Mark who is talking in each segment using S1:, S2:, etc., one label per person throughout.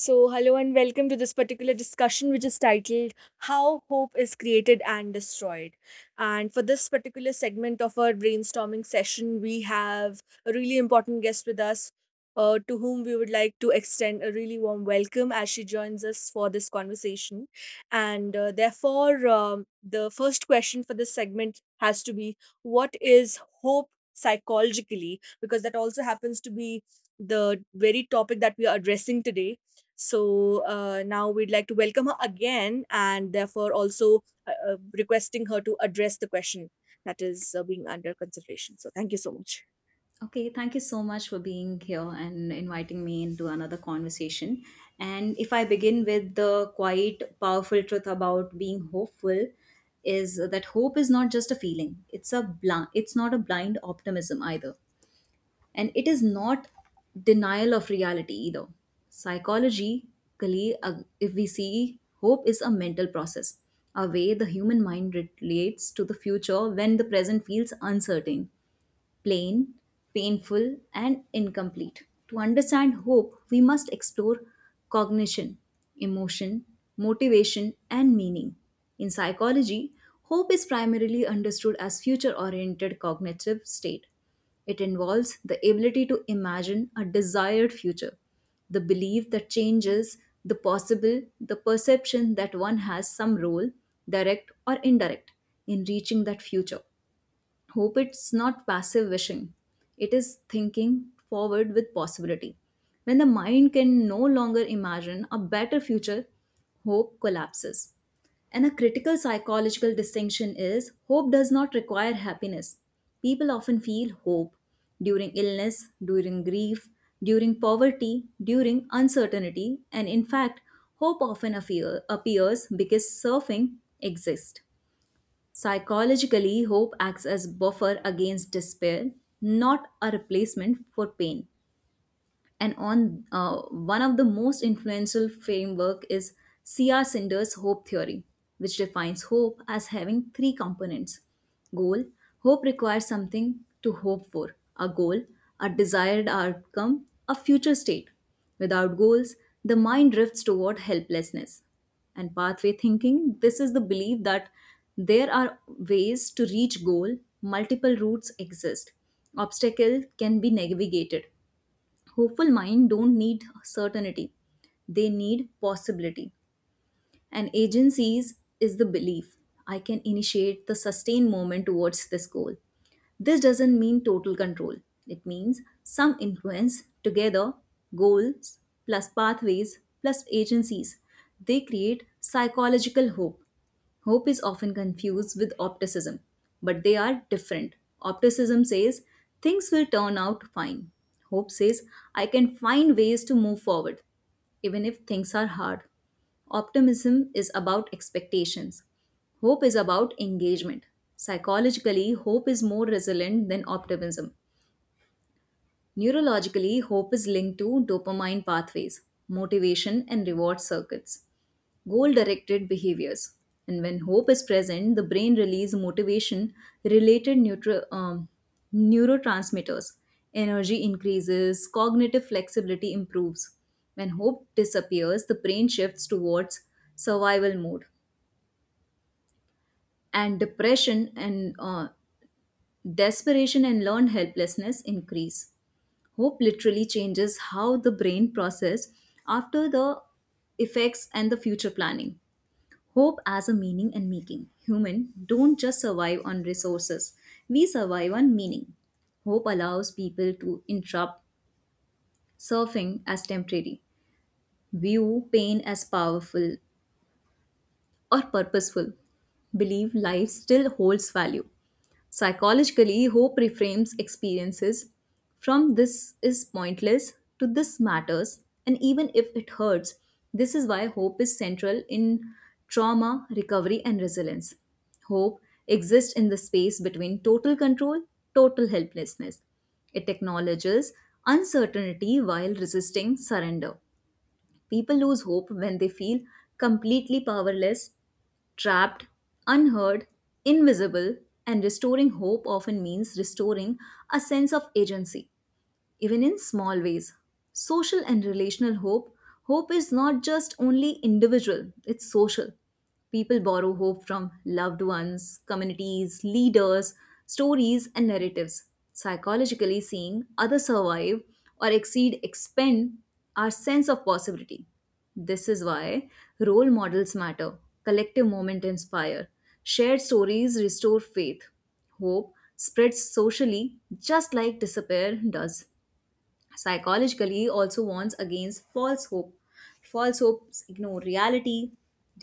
S1: So, hello and welcome to this particular discussion, which is titled How Hope is Created and Destroyed. And for this particular segment of our brainstorming session, we have a really important guest with us to whom we would like to extend a really warm welcome as she joins us for this conversation. And therefore, the first question for this segment has to be: what is hope psychologically? Because that also happens to be the very topic that we are addressing today, so now we'd like to welcome her again and therefore also requesting her to address the question that is being under consideration. So thank you so much.
S2: Okay, thank you so much for being here and inviting me into another conversation. And if I begin with the quite powerful truth about being hopeful, is that hope is not just a feeling. It's a blind. It's not a blind optimism either, and it is not denial of reality either. Psychologically, if we see, hope is a mental process, a way the human mind relates to the future when the present feels uncertain plain, painful, and incomplete. To understand hope, we must explore cognition, emotion, motivation, and meaning. In psychology, hope is primarily understood as future oriented cognitive state. It involves the ability to imagine a desired future, the belief that changes, the possible, the perception that one has some role, direct or indirect, in reaching that future. Hope it's not passive wishing. It is thinking forward with possibility. When the mind can no longer imagine a better future, hope collapses. And a critical psychological distinction is hope does not require happiness. People often feel hope during illness, during grief, during poverty, during uncertainty, and in fact, hope often appears because suffering exists. Psychologically, hope acts as buffer against despair, not a replacement for pain, and on one of the most influential framework is cr sinder's hope theory, which defines hope as having three components. Goal: hope requires something to hope for, a goal, a desired outcome, a future state. Without goals, the mind drifts toward helplessness. And pathway thinking, this is the belief that there are ways to reach goal, multiple routes exist, obstacle can be navigated. Hopeful mind don't need certainty, they need possibility. And agencies is the belief I can initiate the sustained movement towards this goal. This doesn't mean total control, it means some influence. Together, goals plus pathways plus agencies, they create psychological hope. Hope is often confused with optimism, but they are different. Optimism says things will turn out fine. Hope says I can find ways to move forward, even if things are hard. Optimism is about expectations. Hope is about engagement. Psychologically, hope is more resilient than optimism. Neurologically, hope is linked to dopamine pathways, motivation, and reward circuits, goal directed behaviors. And when hope is present, the brain releases motivation related neurotransmitters. Energy increases, cognitive flexibility improves. When hope disappears, the brain shifts towards survival mode, and depression and desperation and learned helplessness increase. Hope literally changes how the brain process after the effects and the future planning. Hope as a meaning and making. Human don't just survive on resources. We survive on meaning. Hope allows people to interrupt surfing as temporary, view pain as powerful or purposeful, believe life still holds value. Psychologically, hope reframes experiences from this is pointless to this matters, and even if it hurts, this is why hope is central in trauma, recovery, and resilience. Hope exists in the space between total control, total helplessness. It acknowledges uncertainty while resisting surrender. People lose hope when they feel completely powerless, trapped, unheard, invisible, and restoring hope often means restoring a sense of agency even in small ways. Social and relational hope. Hope is not just only individual, it's social. People borrow hope from loved ones, communities, leaders, stories, and narratives. Psychologically, seeing others survive or exceed expand our sense of possibility. This is why role models matter, collective moment inspire, shared stories restore faith. Hope spreads socially just like despair does. Psychologically also warns against false hope. False hopes ignore reality,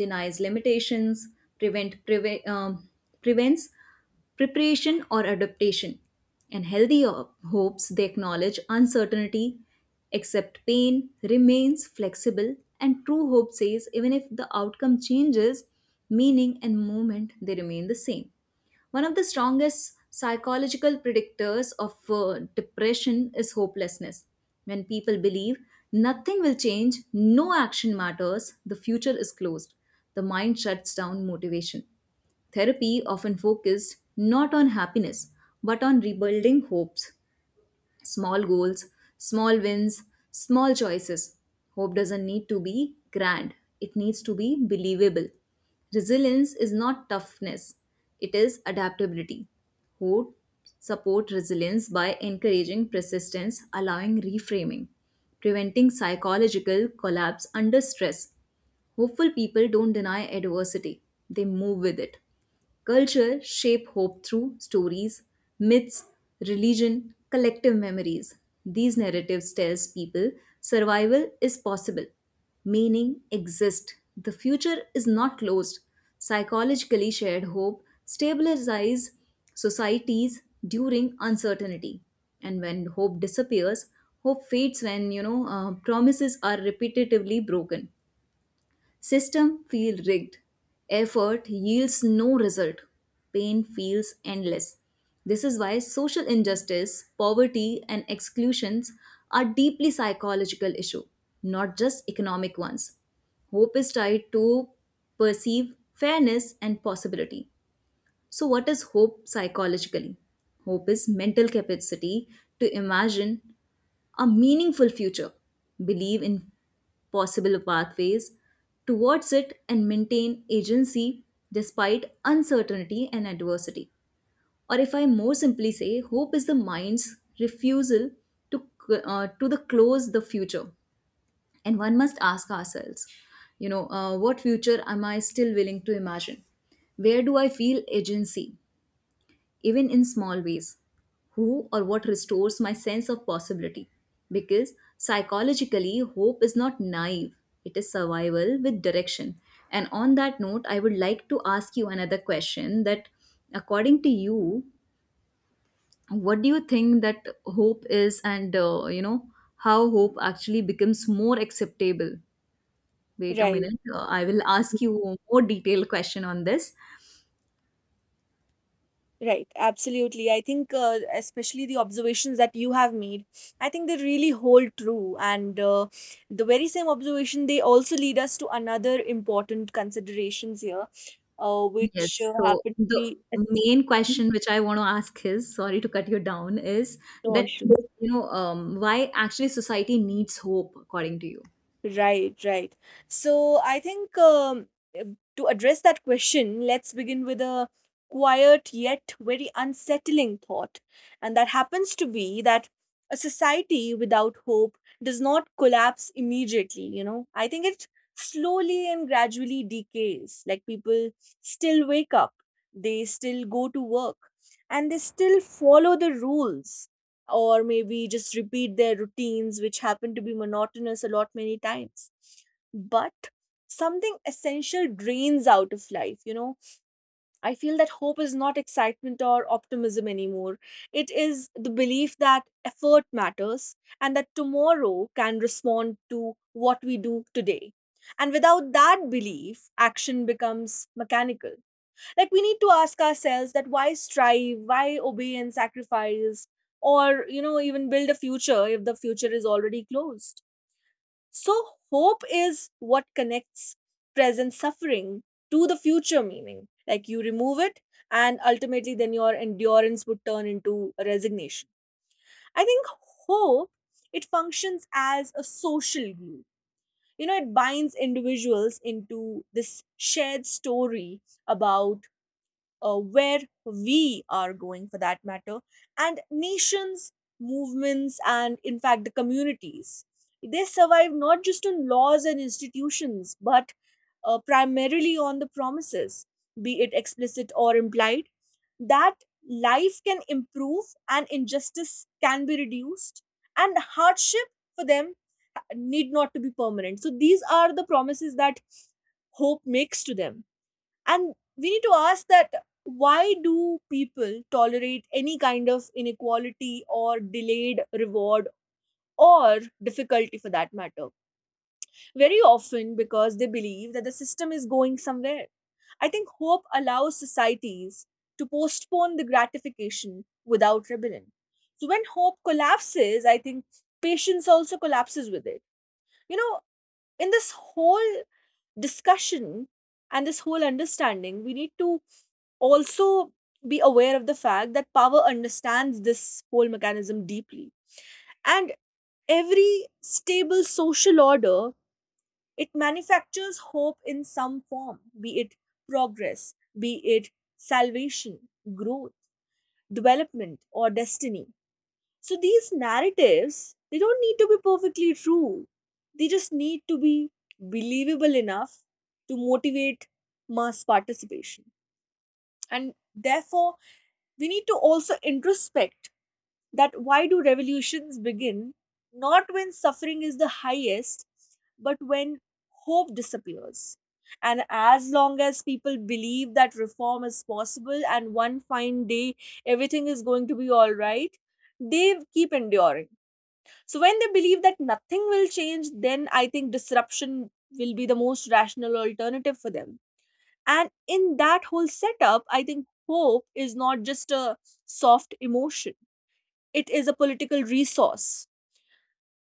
S2: denies limitations, prevent preve- um, prevents preparation or adaptation. And healthy hopes they acknowledge uncertainty, accept pain, remains flexible. And true hope says even if the outcome changes, meaning and moment they remain the same. One of the strongest psychological predictors of depression is hopelessness. When people believe nothing will change, no action matters, the future is closed, the mind shuts down motivation. Therapy often focused not on happiness but on rebuilding hopes. Small goals, small wins, small choices. Hope doesn't need to be grand, it needs to be believable. Resilience is not toughness, it is adaptability. Hope support resilience by encouraging persistence, allowing reframing, preventing psychological collapse under stress. Hopeful people don't deny adversity, they move with it. Culture shape hope through stories, myths, religion, collective memories. These narratives tells people survival is possible. Meaning exists. The future is not closed. Psychologically shared hope stabilizes societies during uncertainty. And when hope disappears, hope fades when promises are repetitively broken. System feel rigged. Effort yields no result. Pain feels endless. This is why social injustice, poverty, and exclusions are deeply psychological issue, not just economic ones. Hope is tied to perceive fairness and possibility. So what is hope psychologically? Hope is mental capacity to imagine a meaningful future, believe in possible pathways towards it, and maintain agency despite uncertainty and adversity. Or if I more simply say, hope is the mind's refusal to, to the close the future. And one must ask ourselves, what future am I still willing to imagine? Where do I feel agency, even in small ways? Who or what restores my sense of possibility? Because psychologically, hope is not naive, it is survival with direction. And on that note, I would like to ask you another question: that, according to you, what do you think that hope is, and how hope actually becomes more acceptable? Wait a
S1: Right.
S2: minute, I will ask you a more detailed question on this.
S1: Right, absolutely. I think, especially the observations that you have made, I think they really hold true. And the very same observation, they also lead us to another important considerations here,
S2: Yes.
S1: which
S2: So
S1: happen to
S2: the
S1: be. Yes.
S2: main question which I want to ask is, sorry to cut you down, is
S1: No,
S2: that,
S1: issue.
S2: why actually society needs hope, according to you?
S1: Right, right. So I think to address that question, let's begin with a quiet yet very unsettling thought. And that happens to be that a society without hope does not collapse immediately, you know. I think it slowly and gradually decays. Like, people still wake up, they still go to work, and they still follow the rules, or maybe just repeat their routines, which happen to be monotonous a lot many times. But something essential drains out of life, you know. I feel that hope is not excitement or optimism anymore. It is the belief that effort matters and that tomorrow can respond to what we do today. And without that belief, action becomes mechanical. Like, we need to ask ourselves that why strive, why obey and sacrifice, or you know, even build a future if the future is already closed. So hope is what connects present suffering to the future meaning. Like, you remove it, and ultimately then your endurance would turn into resignation. I think hope, it functions as a social glue. You know, it binds individuals into this shared story about where we are going, for that matter, and nations, movements, and in fact the communities. They survive not just on laws and institutions, but primarily on the promises, be it explicit or implied, that life can improve and injustice can be reduced, and hardship for them need not to be permanent. So these are the promises that hope makes to them, and we need to ask that why do people tolerate any kind of inequality or delayed reward or difficulty, for that matter, very often because they believe that the system is going somewhere. I think hope allows societies to postpone the gratification without rebellion. So when hope collapses, I think patience also collapses with it, you know. In this whole discussion and this whole understanding, we need to also be aware of the fact that power understands this whole mechanism deeply. And every stable social order, it manufactures hope in some form, be it progress, be it salvation, growth, development, or destiny. So these narratives, they don't need to be perfectly true. They just need to be believable enough to motivate mass participation. And therefore, we need to also introspect that why do revolutions begin not when suffering is the highest, but when hope disappears. And as long as people believe that reform is possible and one fine day everything is going to be all right, they keep enduring. So when they believe that nothing will change, then I think disruption will be the most rational alternative for them. And in that whole setup, I think hope is not just a soft emotion, it is a political resource.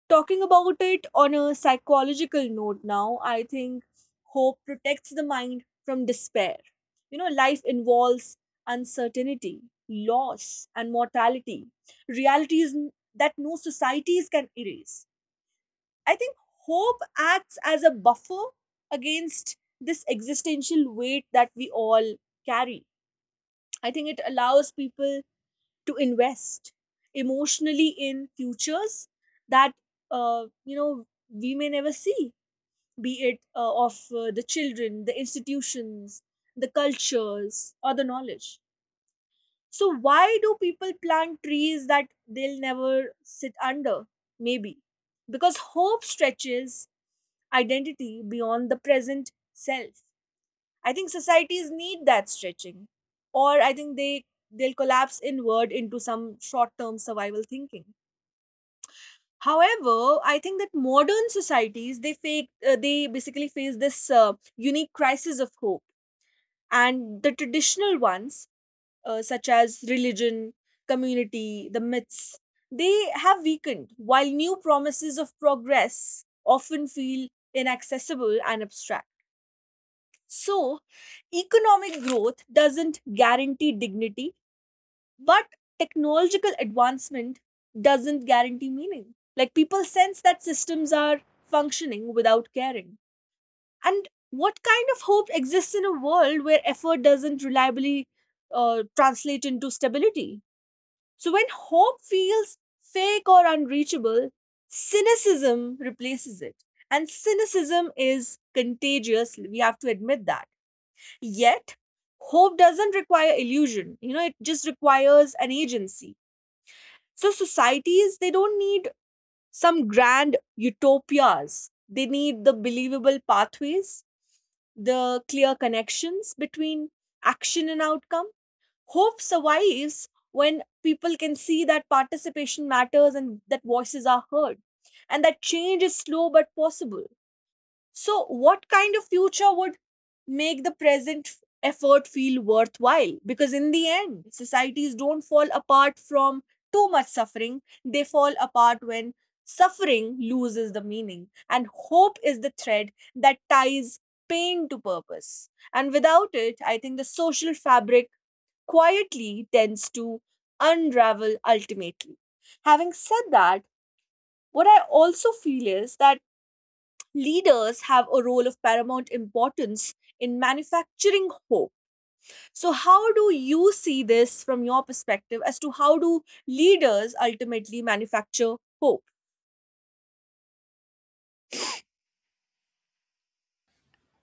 S1: Talking about it on a psychological note now, I think hope protects the mind from despair. You know, life involves uncertainty, loss, and mortality, that no societies can erase. I think hope acts as a buffer against this existential weight that we all carry. I think it allows people to invest emotionally in futures that, you know, we may never see, be it of the children, the institutions, the cultures, or the knowledge. So why do people plant trees that they'll never sit under? Maybe because hope stretches identity beyond the present self. I think societies need that stretching, or I think they they'll collapse inward into some short-term survival thinking. However, I think that modern societies they basically face this unique crisis of hope, and the traditional ones such as religion, community, the myths, they have weakened, while new promises of progress often feel inaccessible and abstract. So, economic growth doesn't guarantee dignity, but technological advancement doesn't guarantee meaning. Like, people sense that systems are functioning without caring. And what kind of hope exists in a world where effort doesn't reliably translate into stability? So, when hope feels fake or unreachable, cynicism replaces it. And cynicism is contagious. We have to admit that. Yet, hope doesn't require illusion. You know, it just requires an agency. So, societies, they don't need some grand utopias. They need the believable pathways, the clear connections between action and outcome. Hope survives when people can see that participation matters and that voices are heard, and that change is slow but possible. So, what kind of future would make the present effort feel worthwhile? Because in the end, societies don't fall apart from too much suffering, they fall apart when suffering loses the meaning. And hope is the thread that ties pain to purpose. And without it, I think the social fabric quietly tends to unravel ultimately. Having said that, what I also feel is that leaders have a role of paramount importance in manufacturing hope. So, how do you see this from your perspective as to how do leaders ultimately manufacture hope?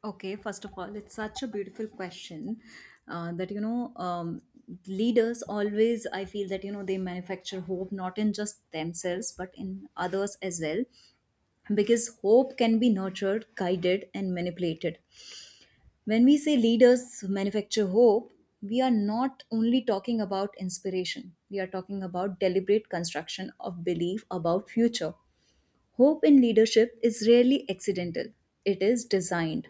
S2: Okay, first of all, it's such a beautiful question that, leaders always, I feel that, you know, they manufacture hope not in just themselves, but in others as well, because hope can be nurtured, guided, and manipulated. When we say leaders manufacture hope, we are not only talking about inspiration. We are talking about deliberate construction of belief about future. Hope in leadership is rarely accidental. It is designed.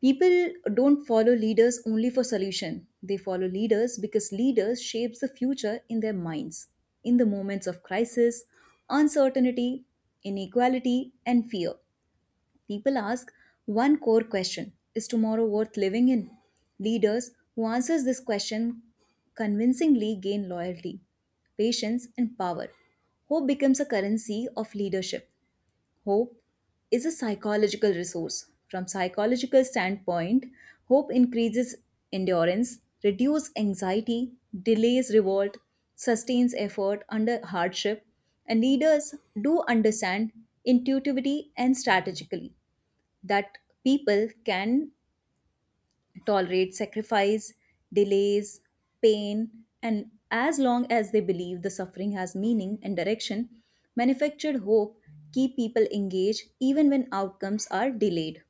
S2: People don't follow leaders only for solution. They follow leaders because leaders shapes the future in their minds. In the moments of crisis, uncertainty, inequality and fear, people ask one core question: is tomorrow worth living in? Leaders who answer this question convincingly gain loyalty, patience, and power. Hope becomes a currency of leadership. Hope is a psychological resource. From psychological standpoint, hope increases endurance, reduces anxiety, delays revolt, sustains effort under hardship, and leaders do understand intuitively and strategically that people can tolerate sacrifice, delays, pain, and as long as they believe the suffering has meaning and direction, manufactured hope keep people engaged even when outcomes are delayed.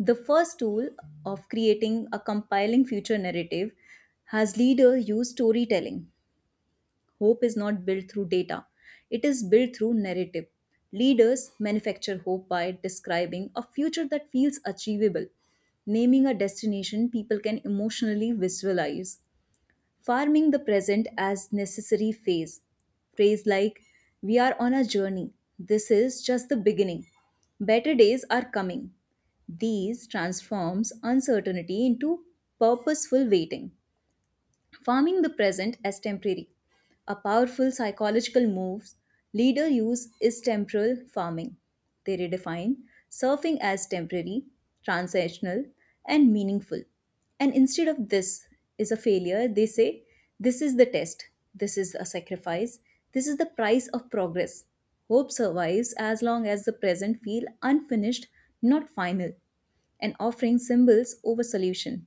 S2: The first tool of creating a compiling future narrative has leader use storytelling. Hope is not built through data, it is built through narrative. Leaders manufacture hope by describing a future that feels achievable, naming a destination people can emotionally visualize, farming the present as necessary phase. Phrase like, we are on a journey, this is just the beginning, better days are coming. These transforms uncertainty into purposeful waiting. Farming the present as temporary. A powerful psychological move leader use is temporal farming. They redefine surfing as temporary, transactional, and meaningful. And instead of this is a failure, they say this is the test, this is a sacrifice, this is the price of progress. Hope survives as long as the present feel unfinished, not final, and offering symbols over solution.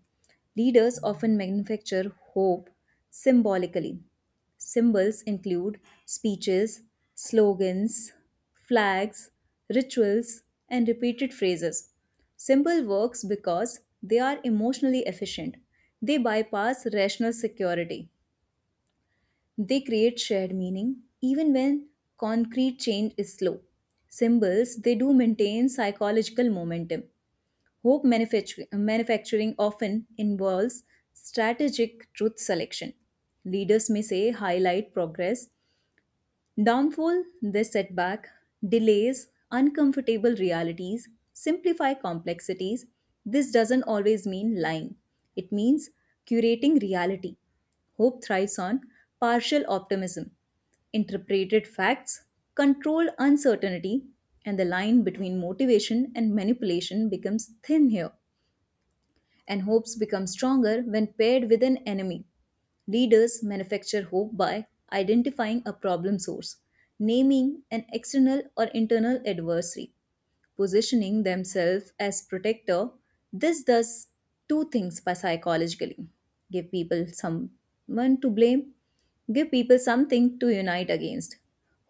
S2: Leaders often manufacture hope symbolically. Symbols include speeches, slogans, flags, rituals, and repeated phrases. Symbol works because they are emotionally efficient. They bypass rational security. They create shared meaning even when concrete change is slow. Symbols, they do maintain psychological momentum. Hope manufacturing often involves strategic truth selection. Leaders may say highlight progress, downfall, this setback, delays, uncomfortable realities, simplify complexities. This doesn't always mean lying, it means curating reality. Hope thrives on partial optimism, interpreted facts, controlled uncertainty, and the line between motivation and manipulation becomes thin here. And hopes become stronger when paired with an enemy. Leaders manufacture hope by identifying a problem source, naming an external or internal adversary, positioning themselves as protector. This does two things by psychologically: give people someone to blame, give people something to unite against.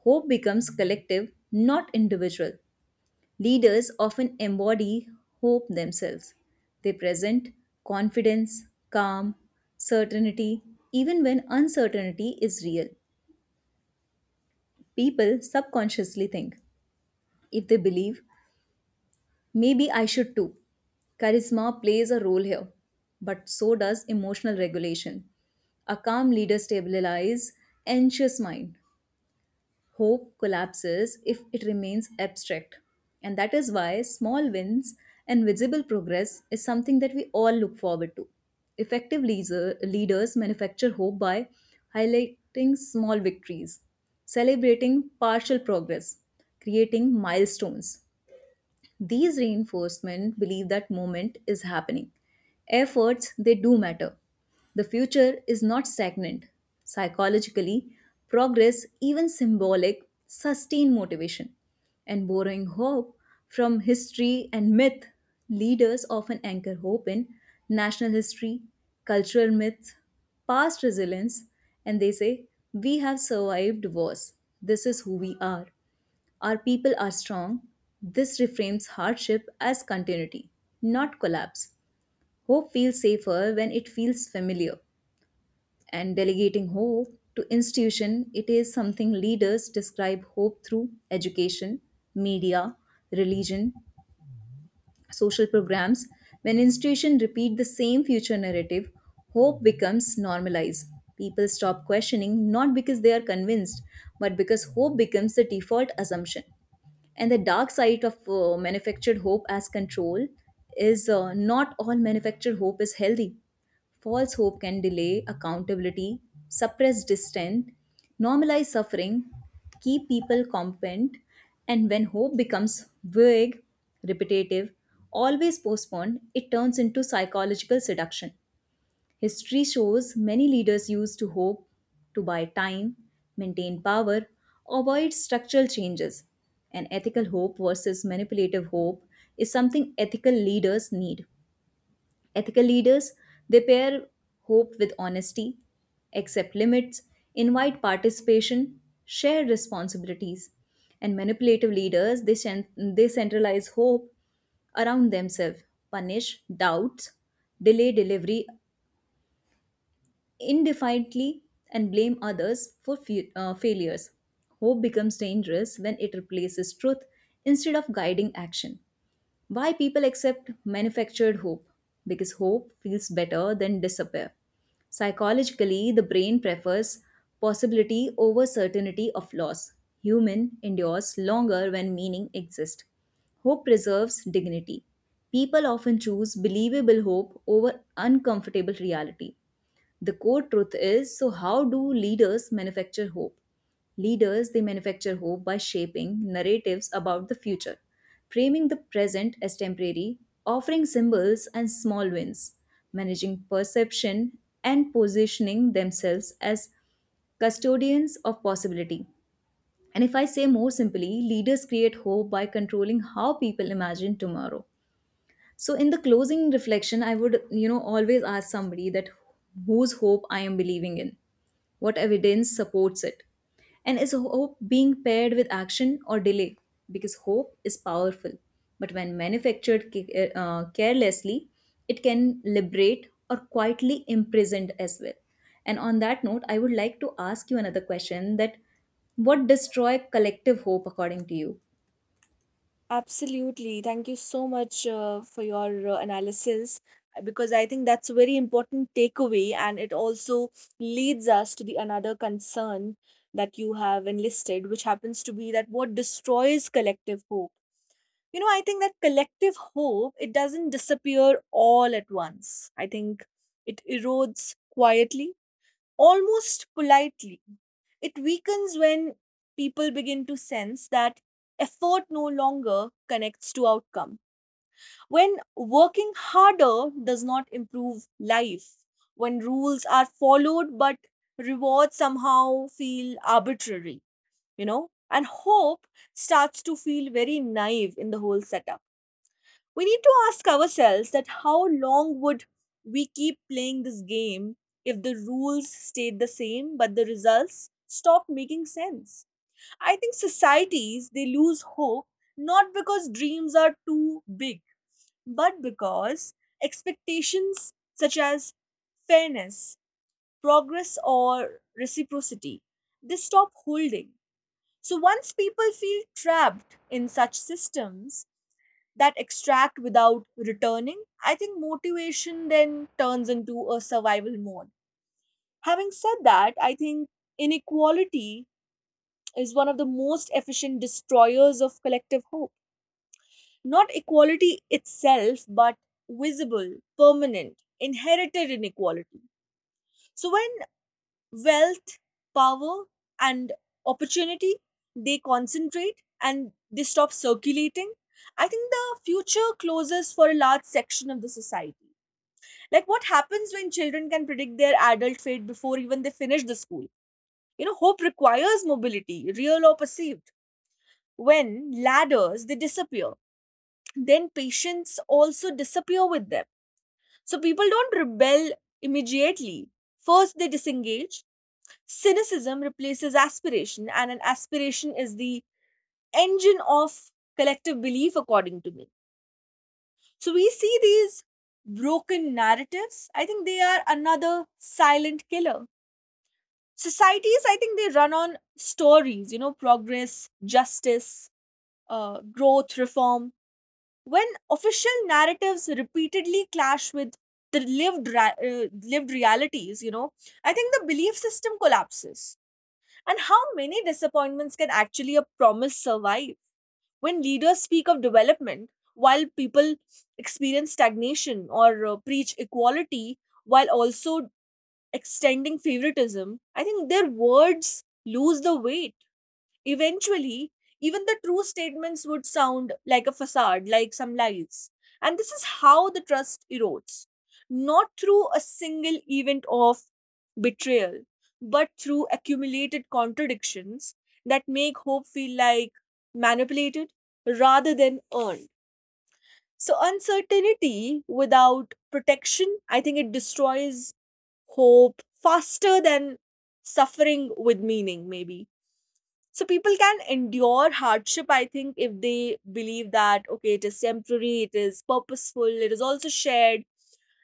S2: Hope becomes collective, not individual. Leaders often embody hope themselves. They present confidence, calm, certainty, even when uncertainty is real. People subconsciously think, if they believe, maybe I should too. Charisma plays a role here, but so does emotional regulation. A calm leader stabilizes anxious mind. Hope collapses if it remains abstract. And that is why small wins and visible progress is something that we all look forward to. Leaders manufacture hope by highlighting small victories, celebrating partial progress, creating milestones, these reinforcement believe that moment is happening. Efforts, they do matter. The future is not stagnant. Psychologically, progress, even symbolic, sustain motivation. And borrowing hope from history and myth, leaders often anchor hope in national history, cultural myths, past resilience, and they say, we have survived wars. This is who we are. Our people are strong. This reframes hardship as continuity, not collapse. Hope feels safer when it feels familiar. And delegating hope to institution, it is something leaders describe hope through education, media, religion, social programs. When institutions repeat the same future narrative, hope becomes normalized. People stop questioning not because they are convinced, but because hope becomes the default assumption. And the dark side of manufactured hope as control is not all manufactured hope is healthy. False hope can delay accountability, suppress dissent, normalize suffering, keep people competent, and when hope becomes vague, repetitive, always postponed, it turns into psychological seduction. History shows many leaders used to hope, to buy time, maintain power, avoid structural changes. An ethical hope versus manipulative hope is something ethical leaders need. Ethical leaders, they pair hope with honesty, accept limits, invite participation, share responsibilities. And manipulative leaders, they, they centralize hope around themselves, punish doubts, delay delivery indefinitely and blame others for failures. Hope becomes dangerous when it replaces truth instead of guiding action. Why people accept manufactured hope? Because hope feels better than despair. Psychologically, the brain prefers possibility over certainty of loss. Human endures longer when meaning exists. Hope preserves dignity. People often choose believable hope over uncomfortable reality. The core truth is so, how do leaders manufacture hope? Leaders, they manufacture hope by shaping narratives about the future, framing the present as temporary, offering symbols and small wins, managing perception, and positioning themselves as custodians of possibility. And if I say more simply, leaders create hope by controlling how people imagine tomorrow. So in the closing reflection, I would, you know, always ask somebody that whose hope I am believing in, what evidence supports it, and is hope being paired with action or delay? Because hope is powerful, but when manufactured carelessly, it can liberate or quietly imprison as well. And on that note, I would like to ask you another question: that what destroy collective hope according to you?
S1: Absolutely. Thank you so much for your analysis, because I think that's a very important takeaway, and it also leads us to the another concern that you have enlisted, which happens to be that what destroys collective hope. You know, I think that collective hope, it doesn't disappear all at once. I think it erodes quietly, almost politely. It weakens when people begin to sense that effort no longer connects to outcome, when working harder does not improve life, when rules are followed but rewards somehow feel arbitrary, you know, and hope starts to feel very naive in the whole setup. We need to ask ourselves that how long would we keep playing this game if the rules stayed the same but the results stopped making sense. I think societies, they lose hope not because dreams are too big, but because expectations such as fairness, progress, or reciprocity, they stop holding. So once people feel trapped in such systems that extract without returning, I think motivation then turns into a survival mode. Having said that, I think inequality is one of the most efficient destroyers of collective hope. Not equality itself, but visible, permanent, inherited inequality. So when wealth, power, and opportunity, they concentrate and they stop circulating, I think the future closes for a large section of the society. Like, what happens when children can predict their adult fate before even they finish the school? You know, hope requires mobility, real or perceived. When ladders, they disappear, then patients also disappear with them. So people don't rebel immediately. First, they disengage. Cynicism replaces aspiration, and an aspiration is the engine of collective belief, according to me. So we see these broken narratives. I think they are another silent killer. Societies, I think they run on stories, you know, progress, justice, growth, reform. When official narratives repeatedly clash with the lived realities, you know, I think the belief system collapses. And how many disappointments can actually a promise survive when leaders speak of development while people experience stagnation, or preach equality while also extending favoritism, I think their words lose the weight. Eventually, even the true statements would sound like a facade, like some lies. And this is how the trust erodes, not through a single event of betrayal, but through accumulated contradictions that make hope feel like manipulated rather than earned. So, uncertainty without protection, I think it destroys hope faster than suffering with meaning, maybe. So people can endure hardship, I think, if they believe that, okay, it is temporary, it is purposeful, it is also shared.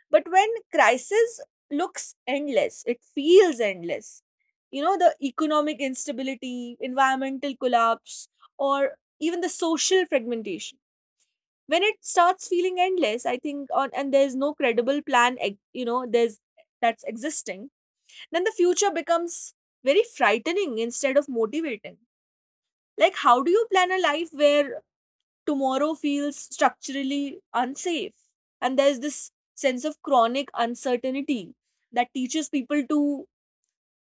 S1: But when crisis looks endless, it feels endless. You know, the economic instability, environmental collapse, or even the social fragmentation. When it starts feeling endless, I think, on, and there's no credible plan, you know, there's that's existing, then the future becomes very frightening instead of motivating. Like, how do you plan a life where tomorrow feels structurally unsafe? And there's this sense of chronic uncertainty that teaches people to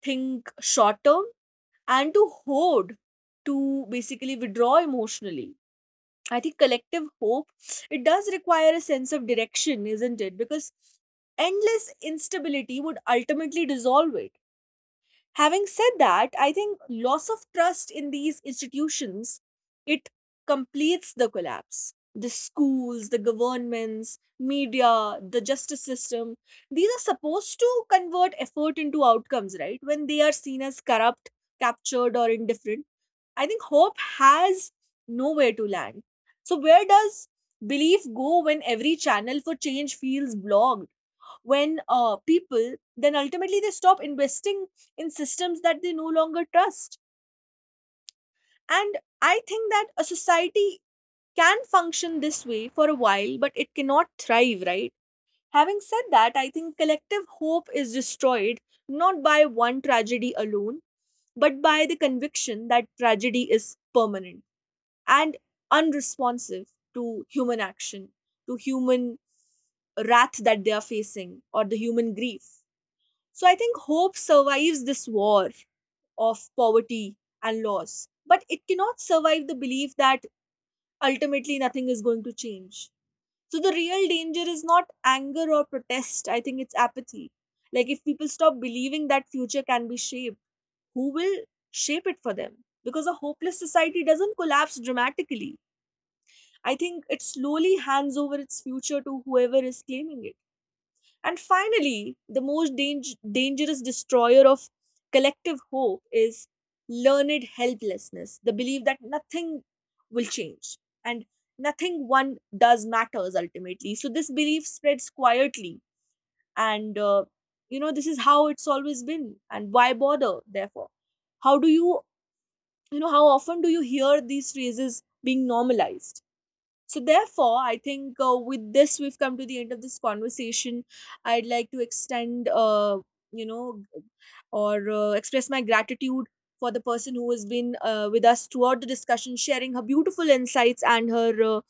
S1: think short term and to hoard, to basically withdraw emotionally. I think collective hope, it does require a sense of direction, isn't it? Because endless instability would ultimately dissolve it. Having said that, I think loss of trust in these institutions, it completes the collapse. The schools, the governments, media, the justice system, these are supposed to convert effort into outcomes, right? When they are seen as corrupt, captured, or indifferent, I think hope has nowhere to land. So where does belief go when every channel for change feels blocked, when people then ultimately they stop investing in systems that they no longer trust? And I think that a society can function this way for a while, but it cannot thrive, right? Having said that, I think collective hope is destroyed not by one tragedy alone, but by the conviction that tragedy is permanent and unresponsive to human action, to human wrath that they are facing, or the human grief. So I think hope survives this war of poverty and loss, but it cannot survive the belief that ultimately nothing is going to change. So the real danger is not anger or protest. I think it's apathy. Like, if people stop believing that future can be shaped, who will shape it for them? Because a hopeless society doesn't collapse dramatically. I think it slowly hands over its future to whoever is claiming it. And finally, the most dangerous destroyer of collective hope is learned helplessness, the belief that nothing will change and nothing one does matters ultimately. So, this belief spreads quietly, and you know, this is how it's always been, and why bother, therefore? How do you, you know, how often do you hear these phrases being normalized? So, therefore, I think with this, we've come to the end of this conversation. I'd like to extend, you know, or express my gratitude for the person who has been with us throughout the discussion, sharing her beautiful insights and her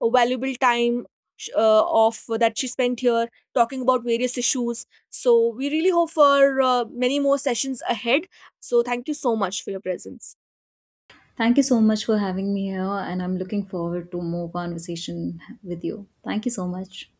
S1: valuable time sh- of that she spent here talking about various issues. So we really hope for many more sessions ahead. So thank you so much for your presence.
S2: Thank you so much for having me here, and I'm looking forward to more conversation with you. Thank you so much.